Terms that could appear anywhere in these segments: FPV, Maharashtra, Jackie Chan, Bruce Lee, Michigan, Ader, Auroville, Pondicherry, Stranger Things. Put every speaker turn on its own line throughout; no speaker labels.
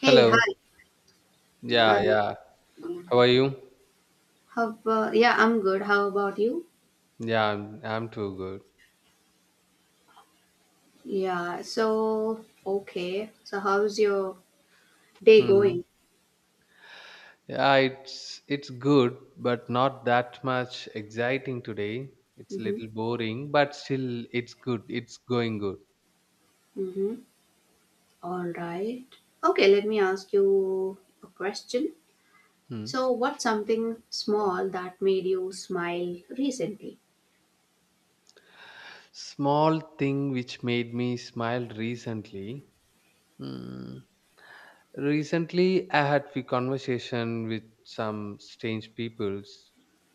Hey,
Hello.
hi,
Yeah,
hi.
yeah. How are you?
How about, yeah, I'm good. How about you?
Yeah, I'm too good.
Yeah, so, okay. So, how's your day
Hmm.
going?
Yeah, it's good, but not that much exciting today. It's a
Mm-hmm.
little boring, but still it's good. It's going good.
Mm-hmm. All right. Okay, let me ask you a question.
Hmm.
So, what's something small that made you smile recently?
Small thing which made me smile recently. Hmm. Recently, I had a conversation with some strange peoples,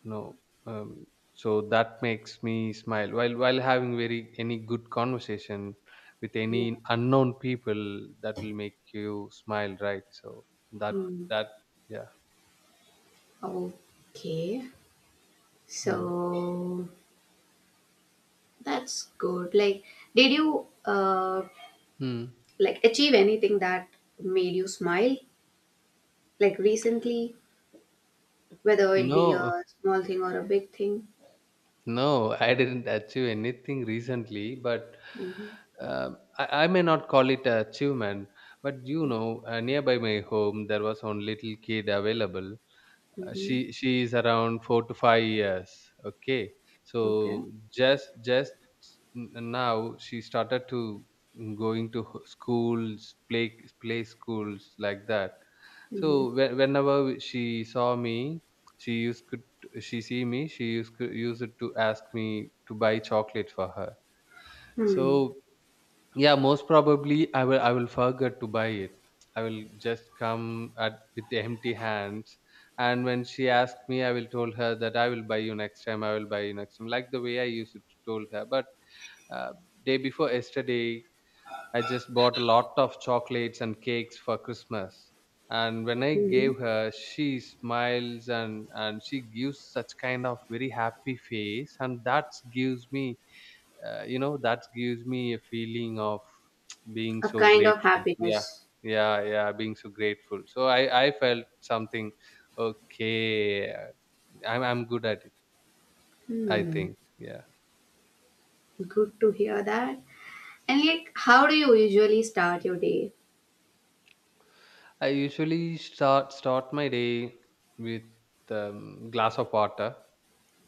you know, um, so that makes me smile. While having very any good conversation with
Yeah.
any unknown people, that will make you smile, right? So that
Hmm.
that, yeah.
Okay.
Hmm.
So, that's good. Like, did you
Hmm.
like achieve anything that made you smile? Like recently? Whether it be
No.
a small thing or a big thing.
No, I didn't achieve anything recently, but
Hmm.
I may not call it a achievement. But you know, nearby my home, there was one little kid available.
Hmm.
She is around 4 to 5 years. Okay, so
Okay.
just now she started to going to schools, play schools like that. So
Hmm.
whenever she saw me, she used could she used to use it to ask me to buy chocolate for her.
Hmm.
So yeah, most probably I will forget to buy it. I will just come at with the empty hands. And when she asked me, I will told her that I will buy you next time. I will buy you next time, like the way I used to told her. But uh, day before yesterday, I just bought a lot of chocolates and cakes for Christmas. And when I
Hmm.
gave her, she smiles and she gives such kind of very happy face. And that gives me, that gives me a feeling of being
A
so
kind of
grateful. Yeah.
happiness.
Yeah. Yeah. Being so grateful. So I felt something, okay, I'm good at it, I
Hmm.
think. Yeah.
Good to hear that. And like, how do you usually start your day?
I usually start my day with glass of water.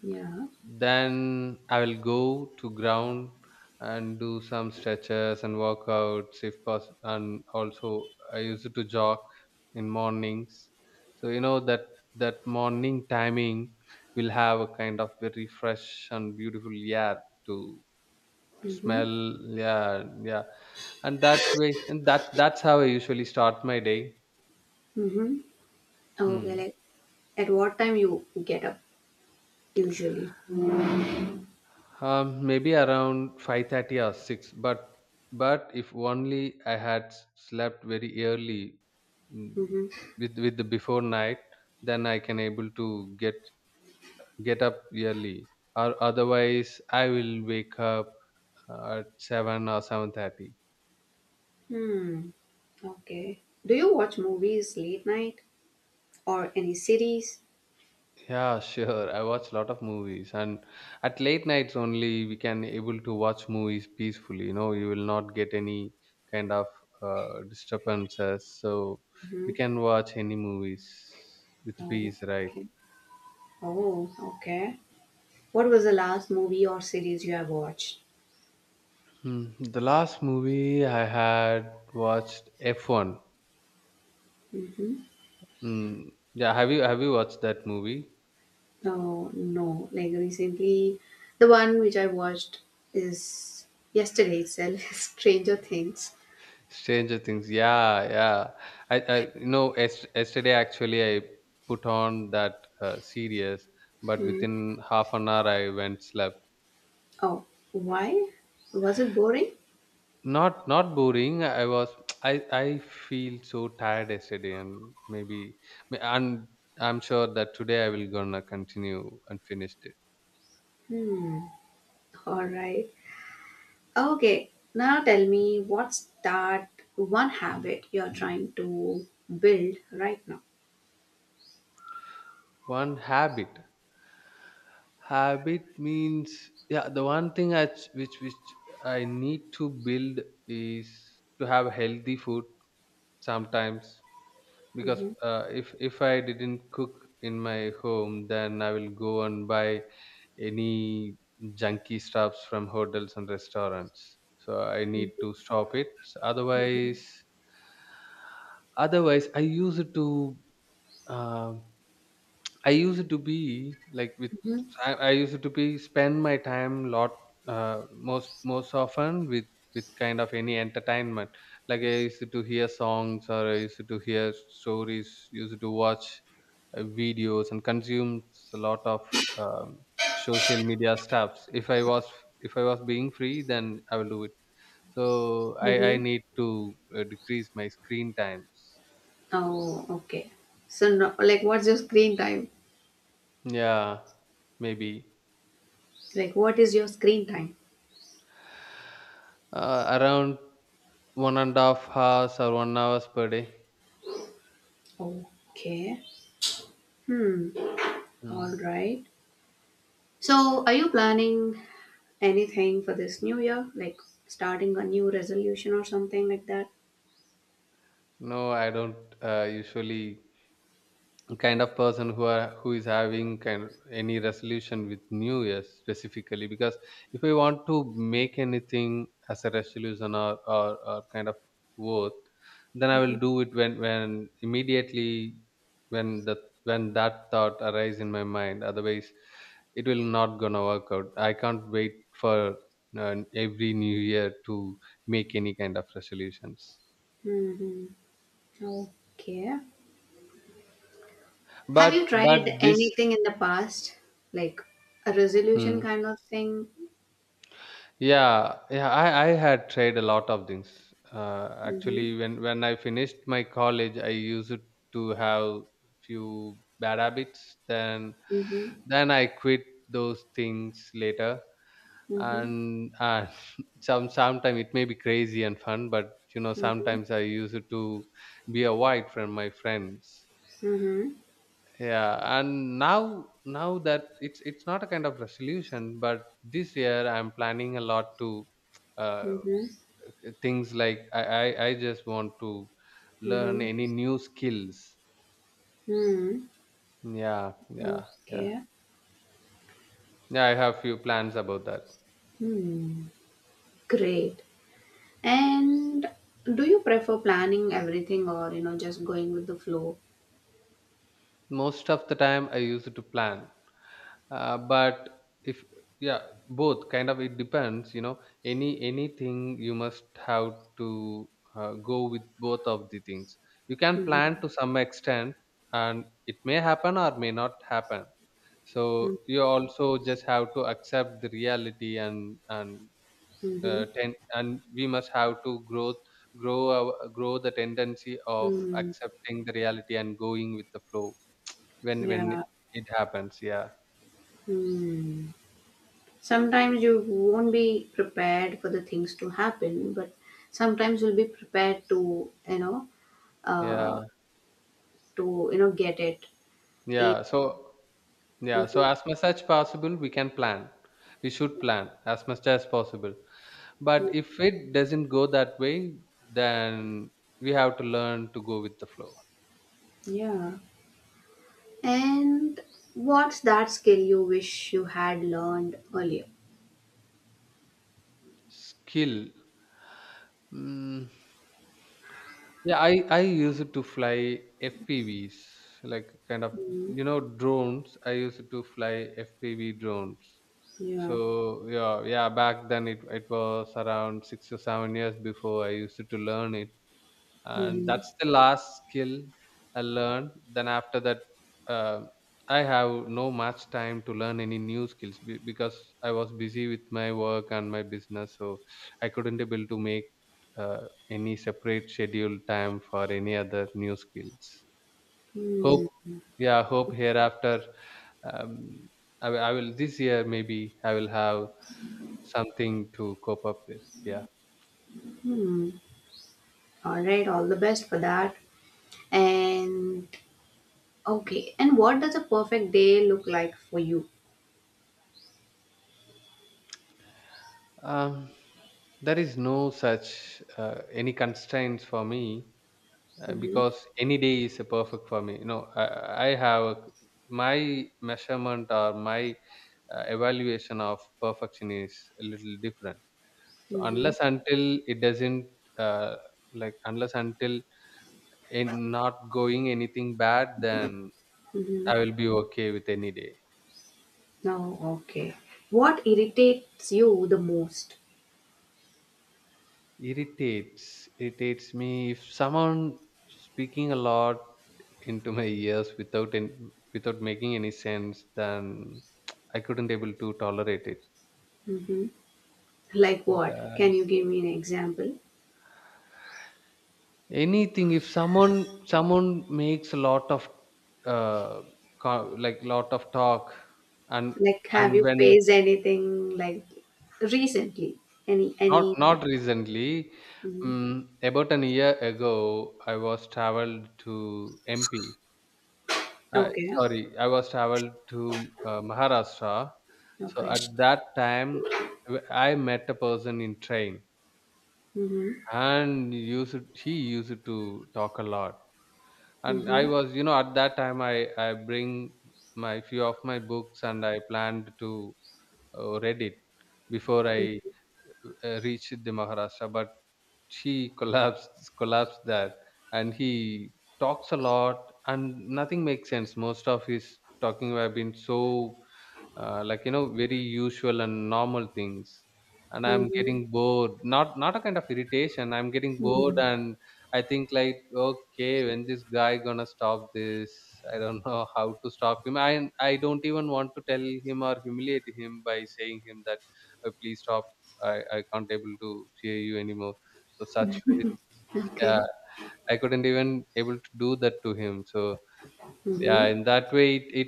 Yeah.
Then I will go to ground and do some stretches and workouts if possible. And also, I used to jog in mornings. So you know that morning timing will have a kind of very fresh and beautiful air to
Mm-hmm.
smell. Yeah, yeah, and that way, and that's how I usually start my day.
Mm-hmm. Okay.
Hmm.
Like, at what time you get up usually?
Maybe around 5:30 or 6, but if only I had slept very early, mm,
Mm-hmm.
with the before night, then I can able to get up early. Or otherwise, I will wake up at 7 or 7:30.
Hmm. Okay. Do you watch movies late night or any series?
Yeah, sure. I watch a lot of movies, and at late nights only we can able to watch movies peacefully. You know, you will not get any kind of disturbances, so we
Mm-hmm.
can watch any movies with
Oh.
peace, right?
Okay. Oh. Okay. What was the last movie or series you have watched?
The last movie I had watched F1. Mm, yeah, have you watched that movie?
Oh no, like recently, the one which I watched is yesterday itself, Stranger Things.
Stranger Things. Yeah, yeah. I yesterday actually I put on that series, but within half an hour I went slept.
Oh, why? Was it boring?
Not boring. I was I feel so tired yesterday, and maybe and I'm sure that today I will gonna continue and finish it.
Alright. Okay, now tell me what's that one habit you're trying to build right now?
One habit. Habit means yeah. The one thing I, which I need to build is to have healthy food sometimes because
Mm-hmm.
if I didn't cook in my home, then I will go and buy any junky stuffs from hotels and restaurants. So I need to stop it. Otherwise, otherwise, um I used to be like with
Mm-hmm.
I used to be spend my time lot, most often with kind of any entertainment. Like I used to hear songs or I used to hear stories. Used to watch videos and consume a lot of um, social media stuffs. If I was being free, then I will do it. So I
Mm-hmm.
need to decrease my screen times.
Oh, okay. So, no, like, what's your screen time?
Yeah, maybe.
Like, what is your screen time?
Around 1.5 hours or 1 hours per day.
Okay. Hmm,
Mm.
all right. So, are you planning anything for this new year? Like starting a new resolution or something like that?
No, I don't usually kind of person who is having kind any resolution with new year specifically, because if we want to make anything as a resolution or kind of worth, then I will do it when immediately, when the when that thought arise in my mind. Otherwise, it will not gonna work out. I can't wait for every new year to make any kind of resolutions.
Hmm. Okay. Have you
But
tried
this.
anything in the past? Like a resolution
hmm,
kind of thing?
Yeah, yeah, I had tried a lot of things.
Mm-hmm.
Actually, when I finished my college, I used to have few bad habits.
Mm-hmm.
Then I quit those things later.
Mm-hmm.
And sometimes it may be crazy and fun, but you know
Mm-hmm.
sometimes I used to be avoid from my friends.
Mm-hmm.
Yeah, and now that it's not a kind of resolution, but this year I'm planning a lot to. Uh,
Mm-hmm.
things like I just want to learn
Mm-hmm.
any new skills.
Hmm.
Yeah, yeah, yeah.
Okay.
Yeah, I have few plans about that.
Hmm. Great. And do you prefer planning everything or, you know, just going with the flow?
Most of the time I used to plan, but if, yeah, both kind of it depends, you know, anything you must have to go with both of the things. You can plan
Mhm,
to some extent, and it may happen or may not happen. So
mhm,
you also just have to accept the reality, and
mhm,
and we must have to grow the tendency of
mm,
accepting the reality and going with the flow when
yeah.
it happens. Yeah.
Mm. Sometimes you won't be prepared for the things to happen, but sometimes you'll be prepared
Yeah.
uh, to you know get it. It-
Yeah. So yeah, so
mhm,
as much as possible we can plan. We should plan as much as possible, but
mhm,
if it doesn't go that way, then we have to learn to go with the flow.
yeah. And what's that skill you wish you had learned earlier?
Skill. Mm, yeah, I use it to fly FPVs, like kind of,
Mm,
you know, drones. I use it to fly FPV drones.
yeah.
So yeah, yeah, back then it was around 6 or 7 years before I used to learn it, and
Mm-hmm.
that's the last skill I learned. Then after that, uh, I have no much time to learn any new skills because I was busy with my work and my business. So I couldn't able to make uh, any separate schedule time for any other new skills. Hope
Mm-hmm.
Yeah, hope hereafter, um, I will this year maybe I will have something to cope up with. Yeah.
All right. All the best for that. And okay, and what does a perfect day look like for you?
Um, there is no such any constraints for me
Mm-hmm,
because any day is a perfect for me. You know, I have a, my measurement or my evaluation of perfection is a little different. So
mm-hmm,
unless until it doesn't, uh, like, unless until in not going anything bad, then
mm-hmm,
I will be okay with any day.
no, okay. What irritates you the most?
Irritates me if someone speaking a lot into my ears without making any sense, then I couldn't able to tolerate it.
Mm-hmm. Like what?
Uh,
Can you give me an example?
anything if someone makes a lot of uh, like lot of talk, and
Like, have you
when.
faced anything like recently?
Not
Anything?
recently.
Mm-hmm,
About an year ago I was traveled to MP. Uh,
okay,
sorry, I was traveled to Maharashtra. So
okay.
at that time, I met a person in train,
Mm-hmm,
and used he used to talk a lot. And I
mm-hmm,
was, you know, at that time, I bring my few of my books, and I planned to read it before I reached the Maharashtra. But she collapsed that, and he talks a lot, and nothing makes sense. Most of his talking have been so like you know very usual and normal things, and I'm
mm-hmm,
getting bored. Not a kind of irritation, I'm getting bored.
hmm.
And I think like, okay, when this guy gonna stop this. I don't know how to stop him. I don't even want to tell him or humiliate him by saying him that, "Oh, please stop. I can't able to hear you anymore." So such ways, yeah.
Okay.
I couldn't even able to do that to him. So yeah,
Mm-hmm.
in that way, it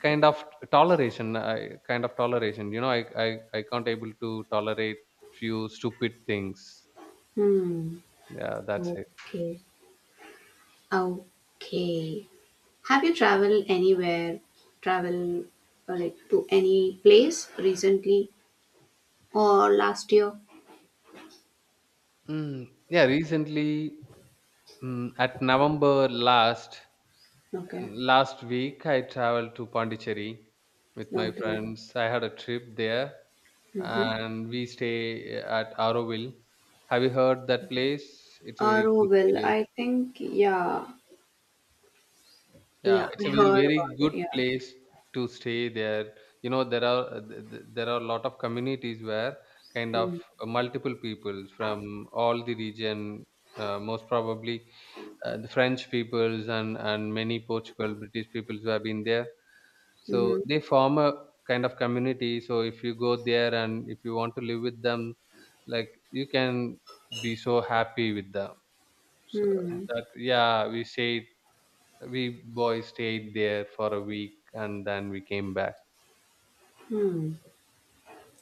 kind of toleration, I, kind of toleration, you know, I can't able to tolerate few stupid things.
Hmm.
Yeah, that's it.
Okay. Okay. Have you traveled anywhere, travel like to any place recently or last year?
Mm, yeah, recently, at November last
Okay,
week I traveled to Pondicherry with my
okay.
friends. I had a trip there,
Mm-hmm.
and we stay at Auroville. Have you heard that place? It's a very
Oh,
good
well,
place.
I think, yeah,
Yeah,
yeah,
it's a
I heard
very
about it,
good
yeah.
place to stay there. You know, there are there are a lot of communities where kind of multiple people from all the region, most probably the French peoples and many Portugal, British peoples who have been there. So
Mm-hmm.
they form a kind of community. So if you go there and if you want to live with them, like you can be so happy with them. So
Hmm.
that, yeah, we say we boys stayed there for a week and then we came back.
Hmm.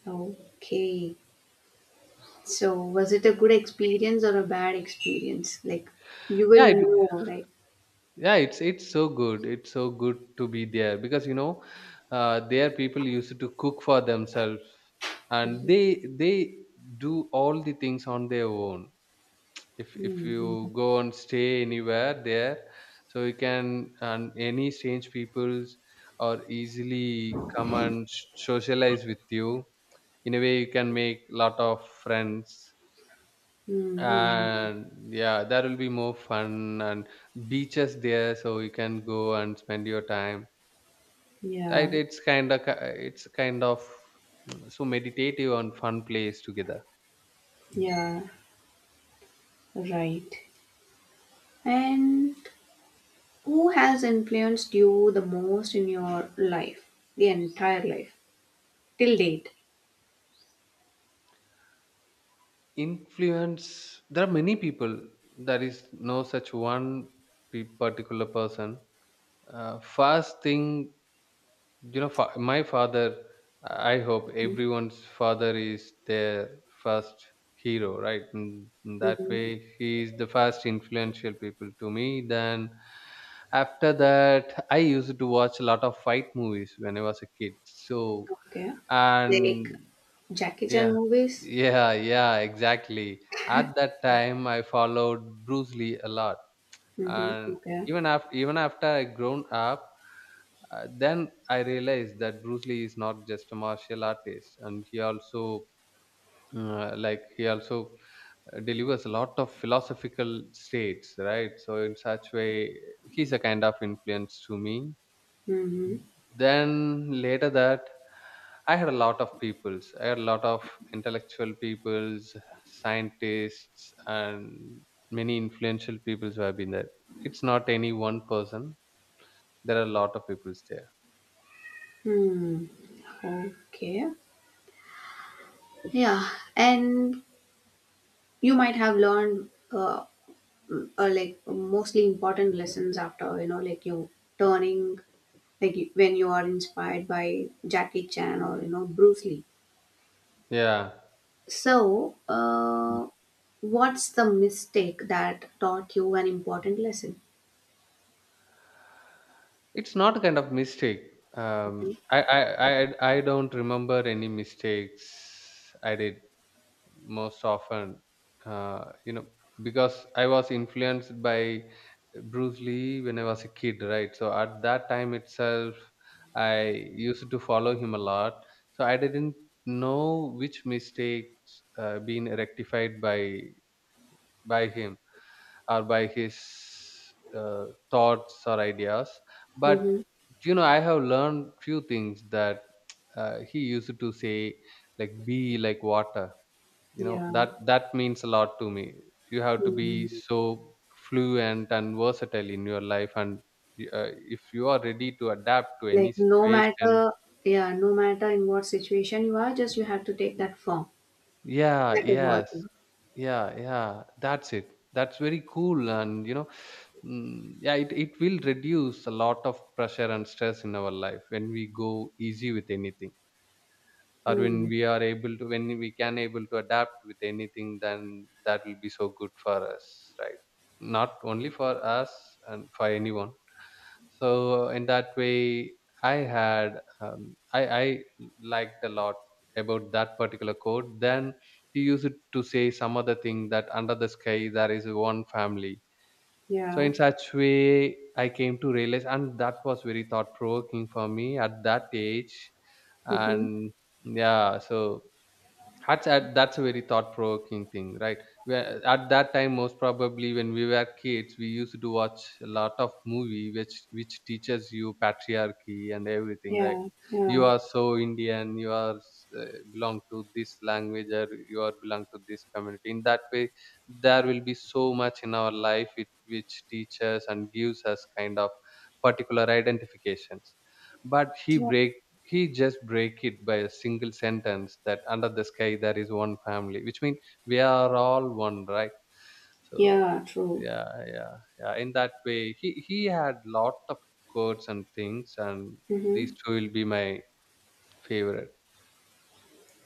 Okay. So, was it a good experience or a bad experience? Like, you
yeah
will
it,
know, right?
yeah, it's so good it's so good to be there because you know, there people used to cook for themselves, and they do all the things on their own. If
Mm-hmm.
you go and stay anywhere there, so you can, and any strange peoples or easily come and socialize with you. In a way you can make lot of friends,
Mm-hmm.
and yeah, that will be more fun, and beaches there, so you can go and spend your time.
Yeah.
Right,
Yeah.
it's kind of so meditative and fun place together.
Yeah. Right. And who has influenced you the most in your life, the entire life, till date?
Influence, there are many people. There is no such one particular person. First thing, my father, I hope everyone's father is their first hero, right? And that
Mm-hmm.
way, he is the first influential people to me. Then, after that, I used to watch a lot of fight movies when I was a kid. So,
Okay. Like
and
Jackie Chan
yeah,
movies?
yeah, exactly. At that time, I followed Bruce Lee a lot,
Mm-hmm.
and
Okay.
even after I grown up. Then I realized that Bruce Lee is not just a martial artist, and he also, he also delivers a lot of philosophical states, right? So in such way, he's a kind of influence to me.
Mm-hmm.
Then later that, I had a lot of peoples. I had a lot of intellectual peoples, scientists, and many influential peoples who have been there. It's not any one person. There are a lot of peoples there.
Hmm. Okay. Yeah. And you might have learned like mostly important lessons after, you know, like you turning, like you, when you are inspired by Jackie Chan or, you know, Bruce Lee.
Yeah.
So, what's the mistake that taught you an important lesson?
It's not a kind of mistake. um I I don't remember any mistakes I did most often. uh, you know because I was influenced by Bruce Lee when I was a kid, right? So at that time itself, I used to follow him a lot. So I didn't know which mistakes been rectified by him, or by his thoughts or ideas. But
Mm-hmm.
you know, I have learned few things that he used to say, like be like water. You know,
Yeah.
that means a lot to me. You have to be
Hmm.
so fluent and versatile in your life, and uh, if you are ready to adapt to any
Like no
situation.
matter, yeah, no matter in what situation you are, just you have to take that form,
Yeah,
like a water.
yes. Yeah, that's it. That's very cool. And you know, yeah, it will reduce a lot of pressure and stress in our life when we go easy with anything, or when
Mm.
we can able to adapt with anything, then that will be so good for us. Right, not only for us, and for anyone. So in that way, I had, I liked a lot about that particular quote. Then he used it to say some other thing, that under the sky there is one family. So
Yeah.
in such way, I came to realize, and that was very thought provoking for me at that age.
Mm-hmm.
And yeah, so that's a very thought provoking thing, right? Where at that time, most probably when we were kids, we used to watch a lot of movie which teaches you patriarchy and everything, right?
Yeah.
You
Yeah.
are so Indian, you are, uh, belong to this language, or you are belong to this community. In that way, there will be so much in our life which teaches and gives us kind of particular identifications. But he
Yeah.
break he just break it by a single sentence, that under the sky there is one family, which means we are all one, right? So
Yeah. True.
yeah, in that way, he had lot of quotes and things, and these
Mm-hmm.
two will be my favorite.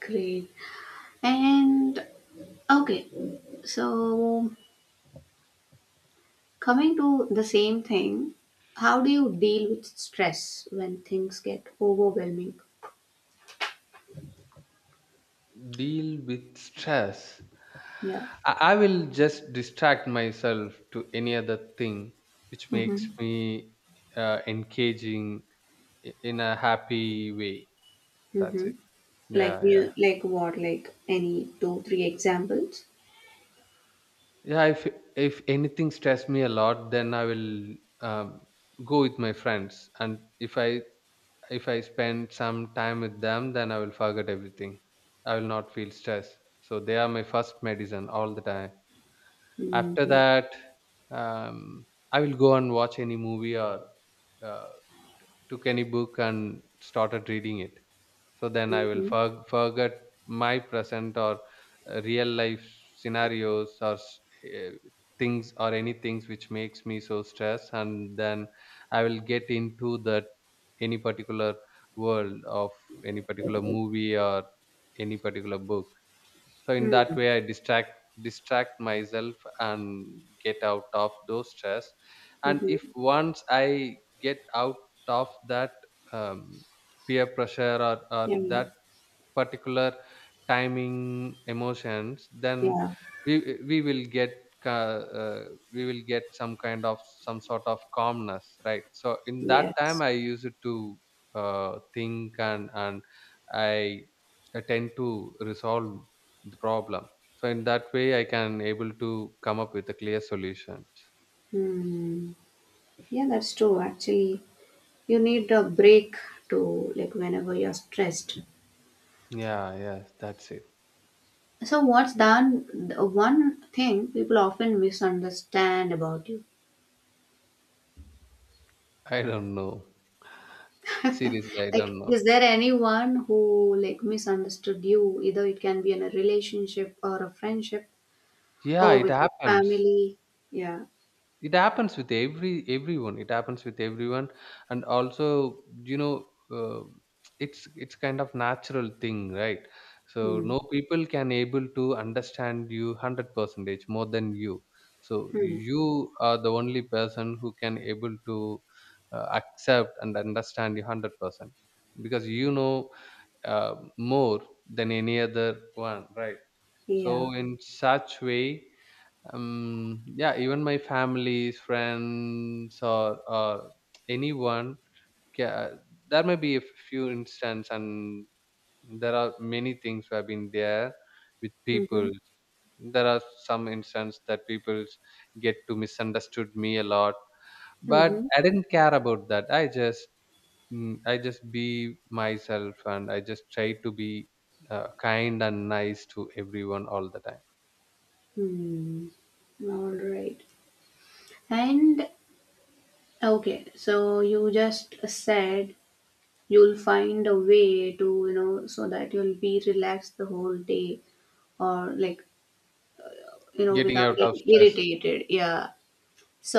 Great. And okay, so, coming to the same thing, how do you deal with stress when things get overwhelming?
Deal with stress,
Yeah.
I will just distract myself to any other thing which makes
Mm-hmm.
me engaging, in a happy way. That's
Mm-hmm.
it. yeah
Like
yeah
you, like what? Like any two, three examples?
Yeah, if anything stress me a lot, then I will, um, go with my friends, and if I spend some time with them, then I will forget everything. I will not feel stress, so they are my first medicine all the time. After
Mm-hmm.
that, um, I will go and watch any movie, or uh, took any book and started reading it. So then I will
Mm-hmm.
forget my present, or real life scenarios, or eh, things, or any things which makes me so stressed. And then I will get into that, any particular world of any particular movie, or any particular book. So in that way, I distract myself and get out of those stress. And if
Mm-hmm.
once I get out of that, um, peer pressure, or
Yeah.
that particular timing, emotions, then
Yeah.
we will get, ca- uh, we will get some kind of, some sort of calmness, right? So in that time,
Yes.
I use it to think, and I I tend to resolve the problem. So in that way, I can able to come up with a clear solution.
Hmm. Yeah, that's true. Actually, you need a break to like whenever you're stressed.
Yeah, yes, that's it.
So what's done? One thing people often misunderstand about you.
I don't know. Seriously, I
Like
don't know.
is there anyone who like misunderstood you either it can be in a relationship or a friendship
Yeah,
or
it
with your
happens.
family yeah
It happens with everyone. It happens with everyone. And also, you know, it's kind of natural thing, right? So
hmm
no people can able to understand you 100 percentage more than you. So
hmm
you are the only person who can able to accept and understand you 100 percent, because you know, more than any other one, right?
yeah.
So in such way, yeah, even my families, friends, or anyone, ca- there may be a few instances, and there are many things who have been there with people.
Mm-hmm.
There are some instances that people get to misunderstood me a lot. But
Mm-hmm.
I didn't care about that. I just, I just be myself, and I just try to be kind and nice to everyone all the time.
Hmm. All right. And okay, so you just said you'll find a way to, you know, so that you'll be relaxed the whole day or like, you know,
Getting
without
out of
getting
stress.
irritated. Yeah.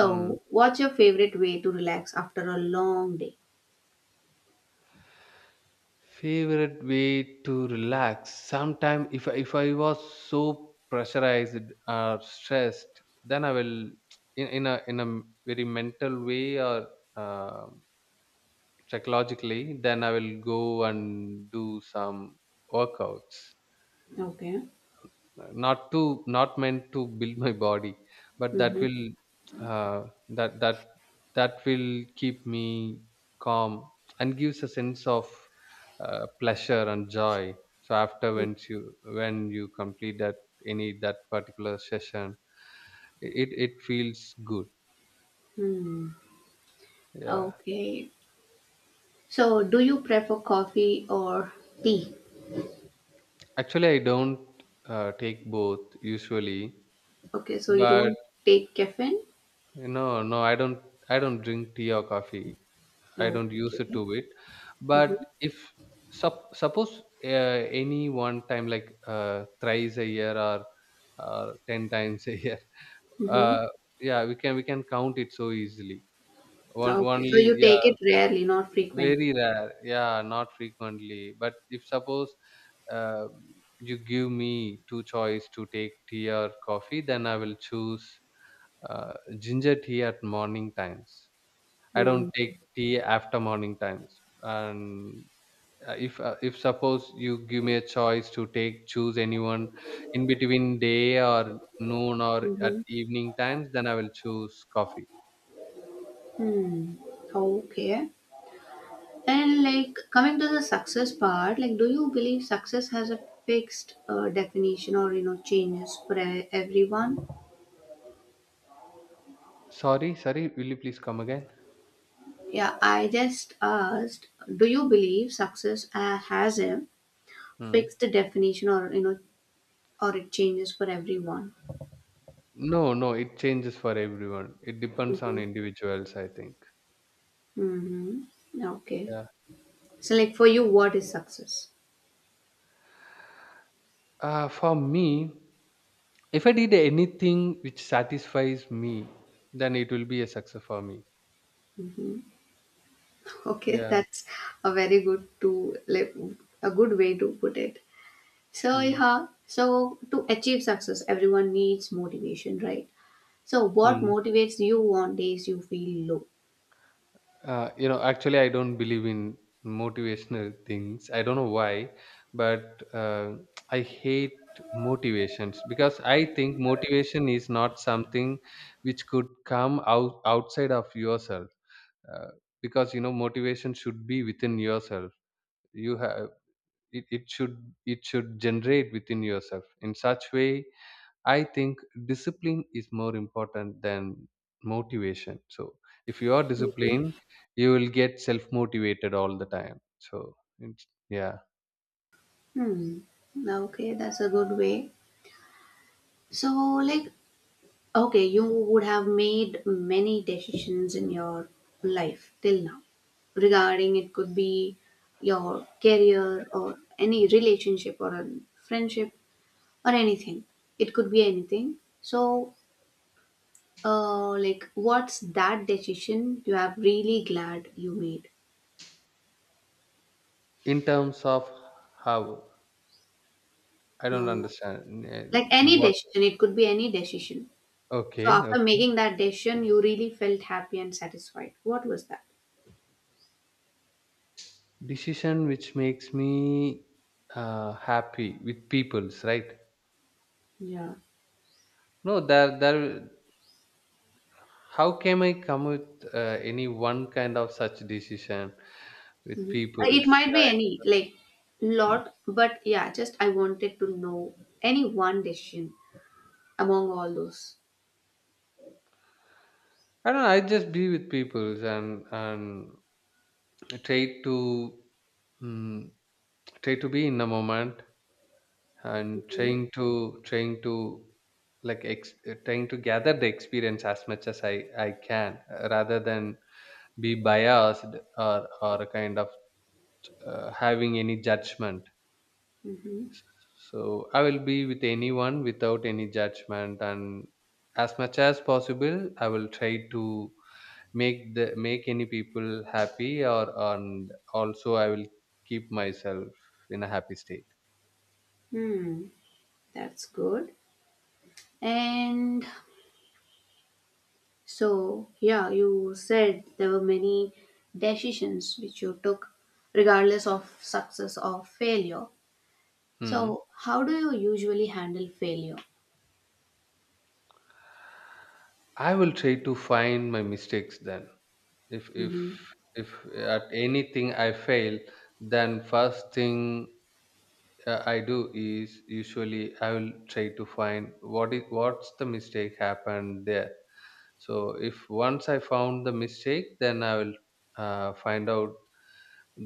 Hmm.
what's your favorite way to relax after a long day?
Favorite way to relax. Sometime if I was so pressurized or stressed, then I will, in a very mental way, or uh, psychologically. Then I will go and do some workouts,
Okay.
not to, not meant to build my body, but that will,
Hmm.
uh, that that that will keep me calm, and gives a sense of pleasure and joy. So after when you complete that, any that particular session, it feels good.
Hmm.
Yeah.
Okay. So, do you prefer coffee or tea?
Actually, I don't take both usually.
Okay, so you
But
don't take caffeine?
you know, no, I don't, I don't drink tea or coffee. I don't use it to
Okay.
it.
Mm-hmm.
But if suppose, any one time, like thrice a year, or ten times a year,
Mm-hmm.
uh, yeah, we can, we can count it so easily. One
Okay,
only,
so you
yeah,
take it rarely, not frequently.
very rare, yeah, not frequently. But if suppose, uh, you give me two choice to take tea or coffee, then I will choose uh, ginger tea at morning times. I
Hmm.
don't take tea after morning times. And if suppose you give me a choice to take, choose anyone in between day or noon or at
Mm-hmm.
evening times, then I will choose coffee.
Hmm. Okay. And like coming to the success part, like do you believe success has a fixed definition or you know changes for everyone?
Sorry, sorry. Will you please come again?
Yeah, I just asked, do you believe success has a
Hmm.
fixed definition, or you know, or it changes for everyone?
No, no. It changes for everyone. It depends on
Mm-hmm.
individuals, I think.
Mm-hmm. Okay.
Yeah.
So, like for you, what is success?
For me, if I did anything which satisfies me, then it will be a success for me.
Okay,
Yeah.
that's a very good to like a good way to put it. So,
Hmm.
yeah. So, to achieve success, everyone needs motivation, right? So, what
Hmm.
motivates you on days you feel low?
You know, actually, I don't believe in motivational things. I don't know why, but I hate motivations, because I think motivation is not something which could come out outside of yourself. Uh, because you know, motivation should be within yourself. You have, it should, it should generate within yourself. In such way, I think discipline is more important than motivation. So if you are disciplined, you will get self motivated all the time. So it's, yeah.
Hmm. Okay, that's a good way. So, like, okay, you would have made many decisions in your life till now regarding it could be your career or any relationship or a friendship or anything. It could be anything. So, like, what's that decision you have really glad you made?
In terms of, how, I don't
Um,
understand.
like any
What.
decision, it could be any decision. So,
Okay,
after
okay.
making that decision, you really felt happy and satisfied. What was that?
Decision which makes me happy with people's, right.
Yeah.
No, there, there. How can I come with any one kind of such decision with
Mhm. It
people's?
might
Yeah,
be
it
any like
depends.
lot, but yeah, just I wanted to know any one decision among all those.
I don't know. I just be with peoples, and try to, mm, try to be in the moment, and
Hmm.
trying to trying to gather the experience as much as I can, rather than be biased, or kind of having any judgment.
Mm-hmm.
So I will be with anyone without any judgment, and as much as possible, I will try to make any people happy, or, and also I will keep myself in a happy state.
Hmm, that's good. And so, yeah, you said there were many decisions which you took regardless of success or failure.
Hmm.
So, how do you usually handle failure?
I will try to find my mistakes. Then if if
Mhm.
if at anything I fail, then first thing I do is usually, I will try to find what is, what's the mistake happened there. So if once I found the mistake, then I will find out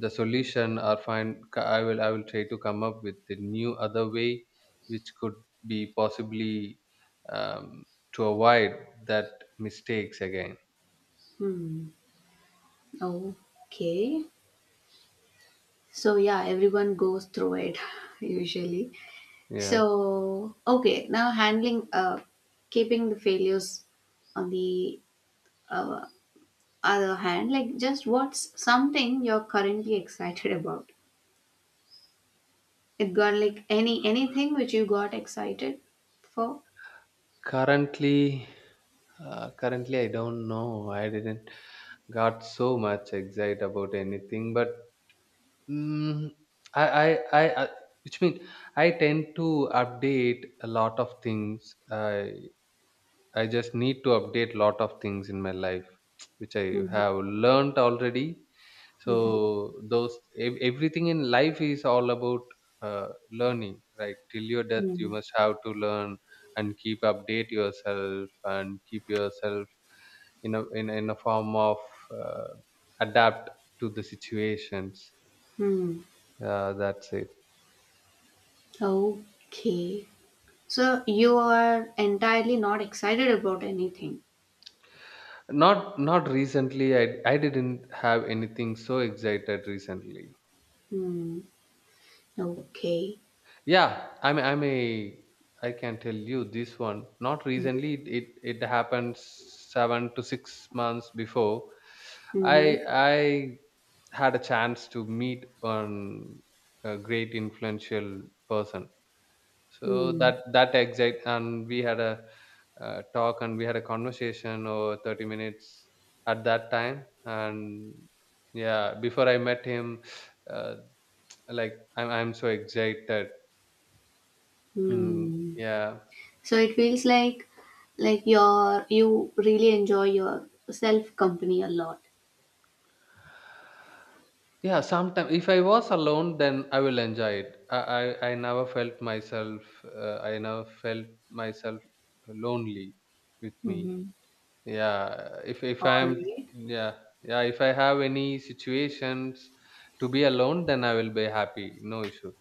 the solution, or find, I will try to come up with the new other way, which could be possibly, um, to avoid that mistakes again.
Hmm, okay. So, yeah, everyone goes through it usually.
Yeah.
So, okay, now handling, keeping the failures on the uh, other hand, like just what's something you're currently excited about? It got like anything which you got excited for?
Currently, currently I don't know. I didn't got so much excited about anything, but, Mm, I, I, I, I, which means I tend to update a lot of things. I just need to update a lot of things in my life, which I
Mhm,
have learned already.
mhm,
So those everything in life is all about learning, right? Till your death, you
mhm,
must have to learn, and keep update yourself, and keep yourself in a, in a form of uh, adapt to the situations.
mhm.
That's it.
Okay, so you are entirely not excited about anything.
Not, not recently. I didn't have anything so excited recently.
Hmm. Okay.
Yeah, I can tell you this one. Not recently. It happened 7 to 6 months before. I
Mm-hmm.
I had a chance to meet one a great influential person. So
Mm-hmm.
that, that exact and we had a talk, and we had a conversation over 30 minutes at that time. And yeah, before I met him, uh, like I'm so excited. Mm,
Mm-hmm.
yeah.
So it feels like your you really enjoy your self company a lot.
Yeah, sometimes if I was alone, then I will enjoy it. I never felt myself I never felt myself lonely with me.
Hmm.
Yeah, if
All
I am
right.
yeah yeah, if I have any situations to be alone, then I will be happy, no issue.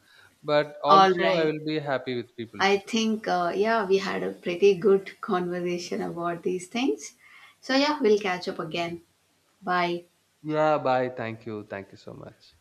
But
All
also I
right.
will be happy with
I
people's too.
think, yeah, we had a pretty good conversation about these things. So, yeah, we'll catch up again. Bye.
Yeah, bye. Thank you so much.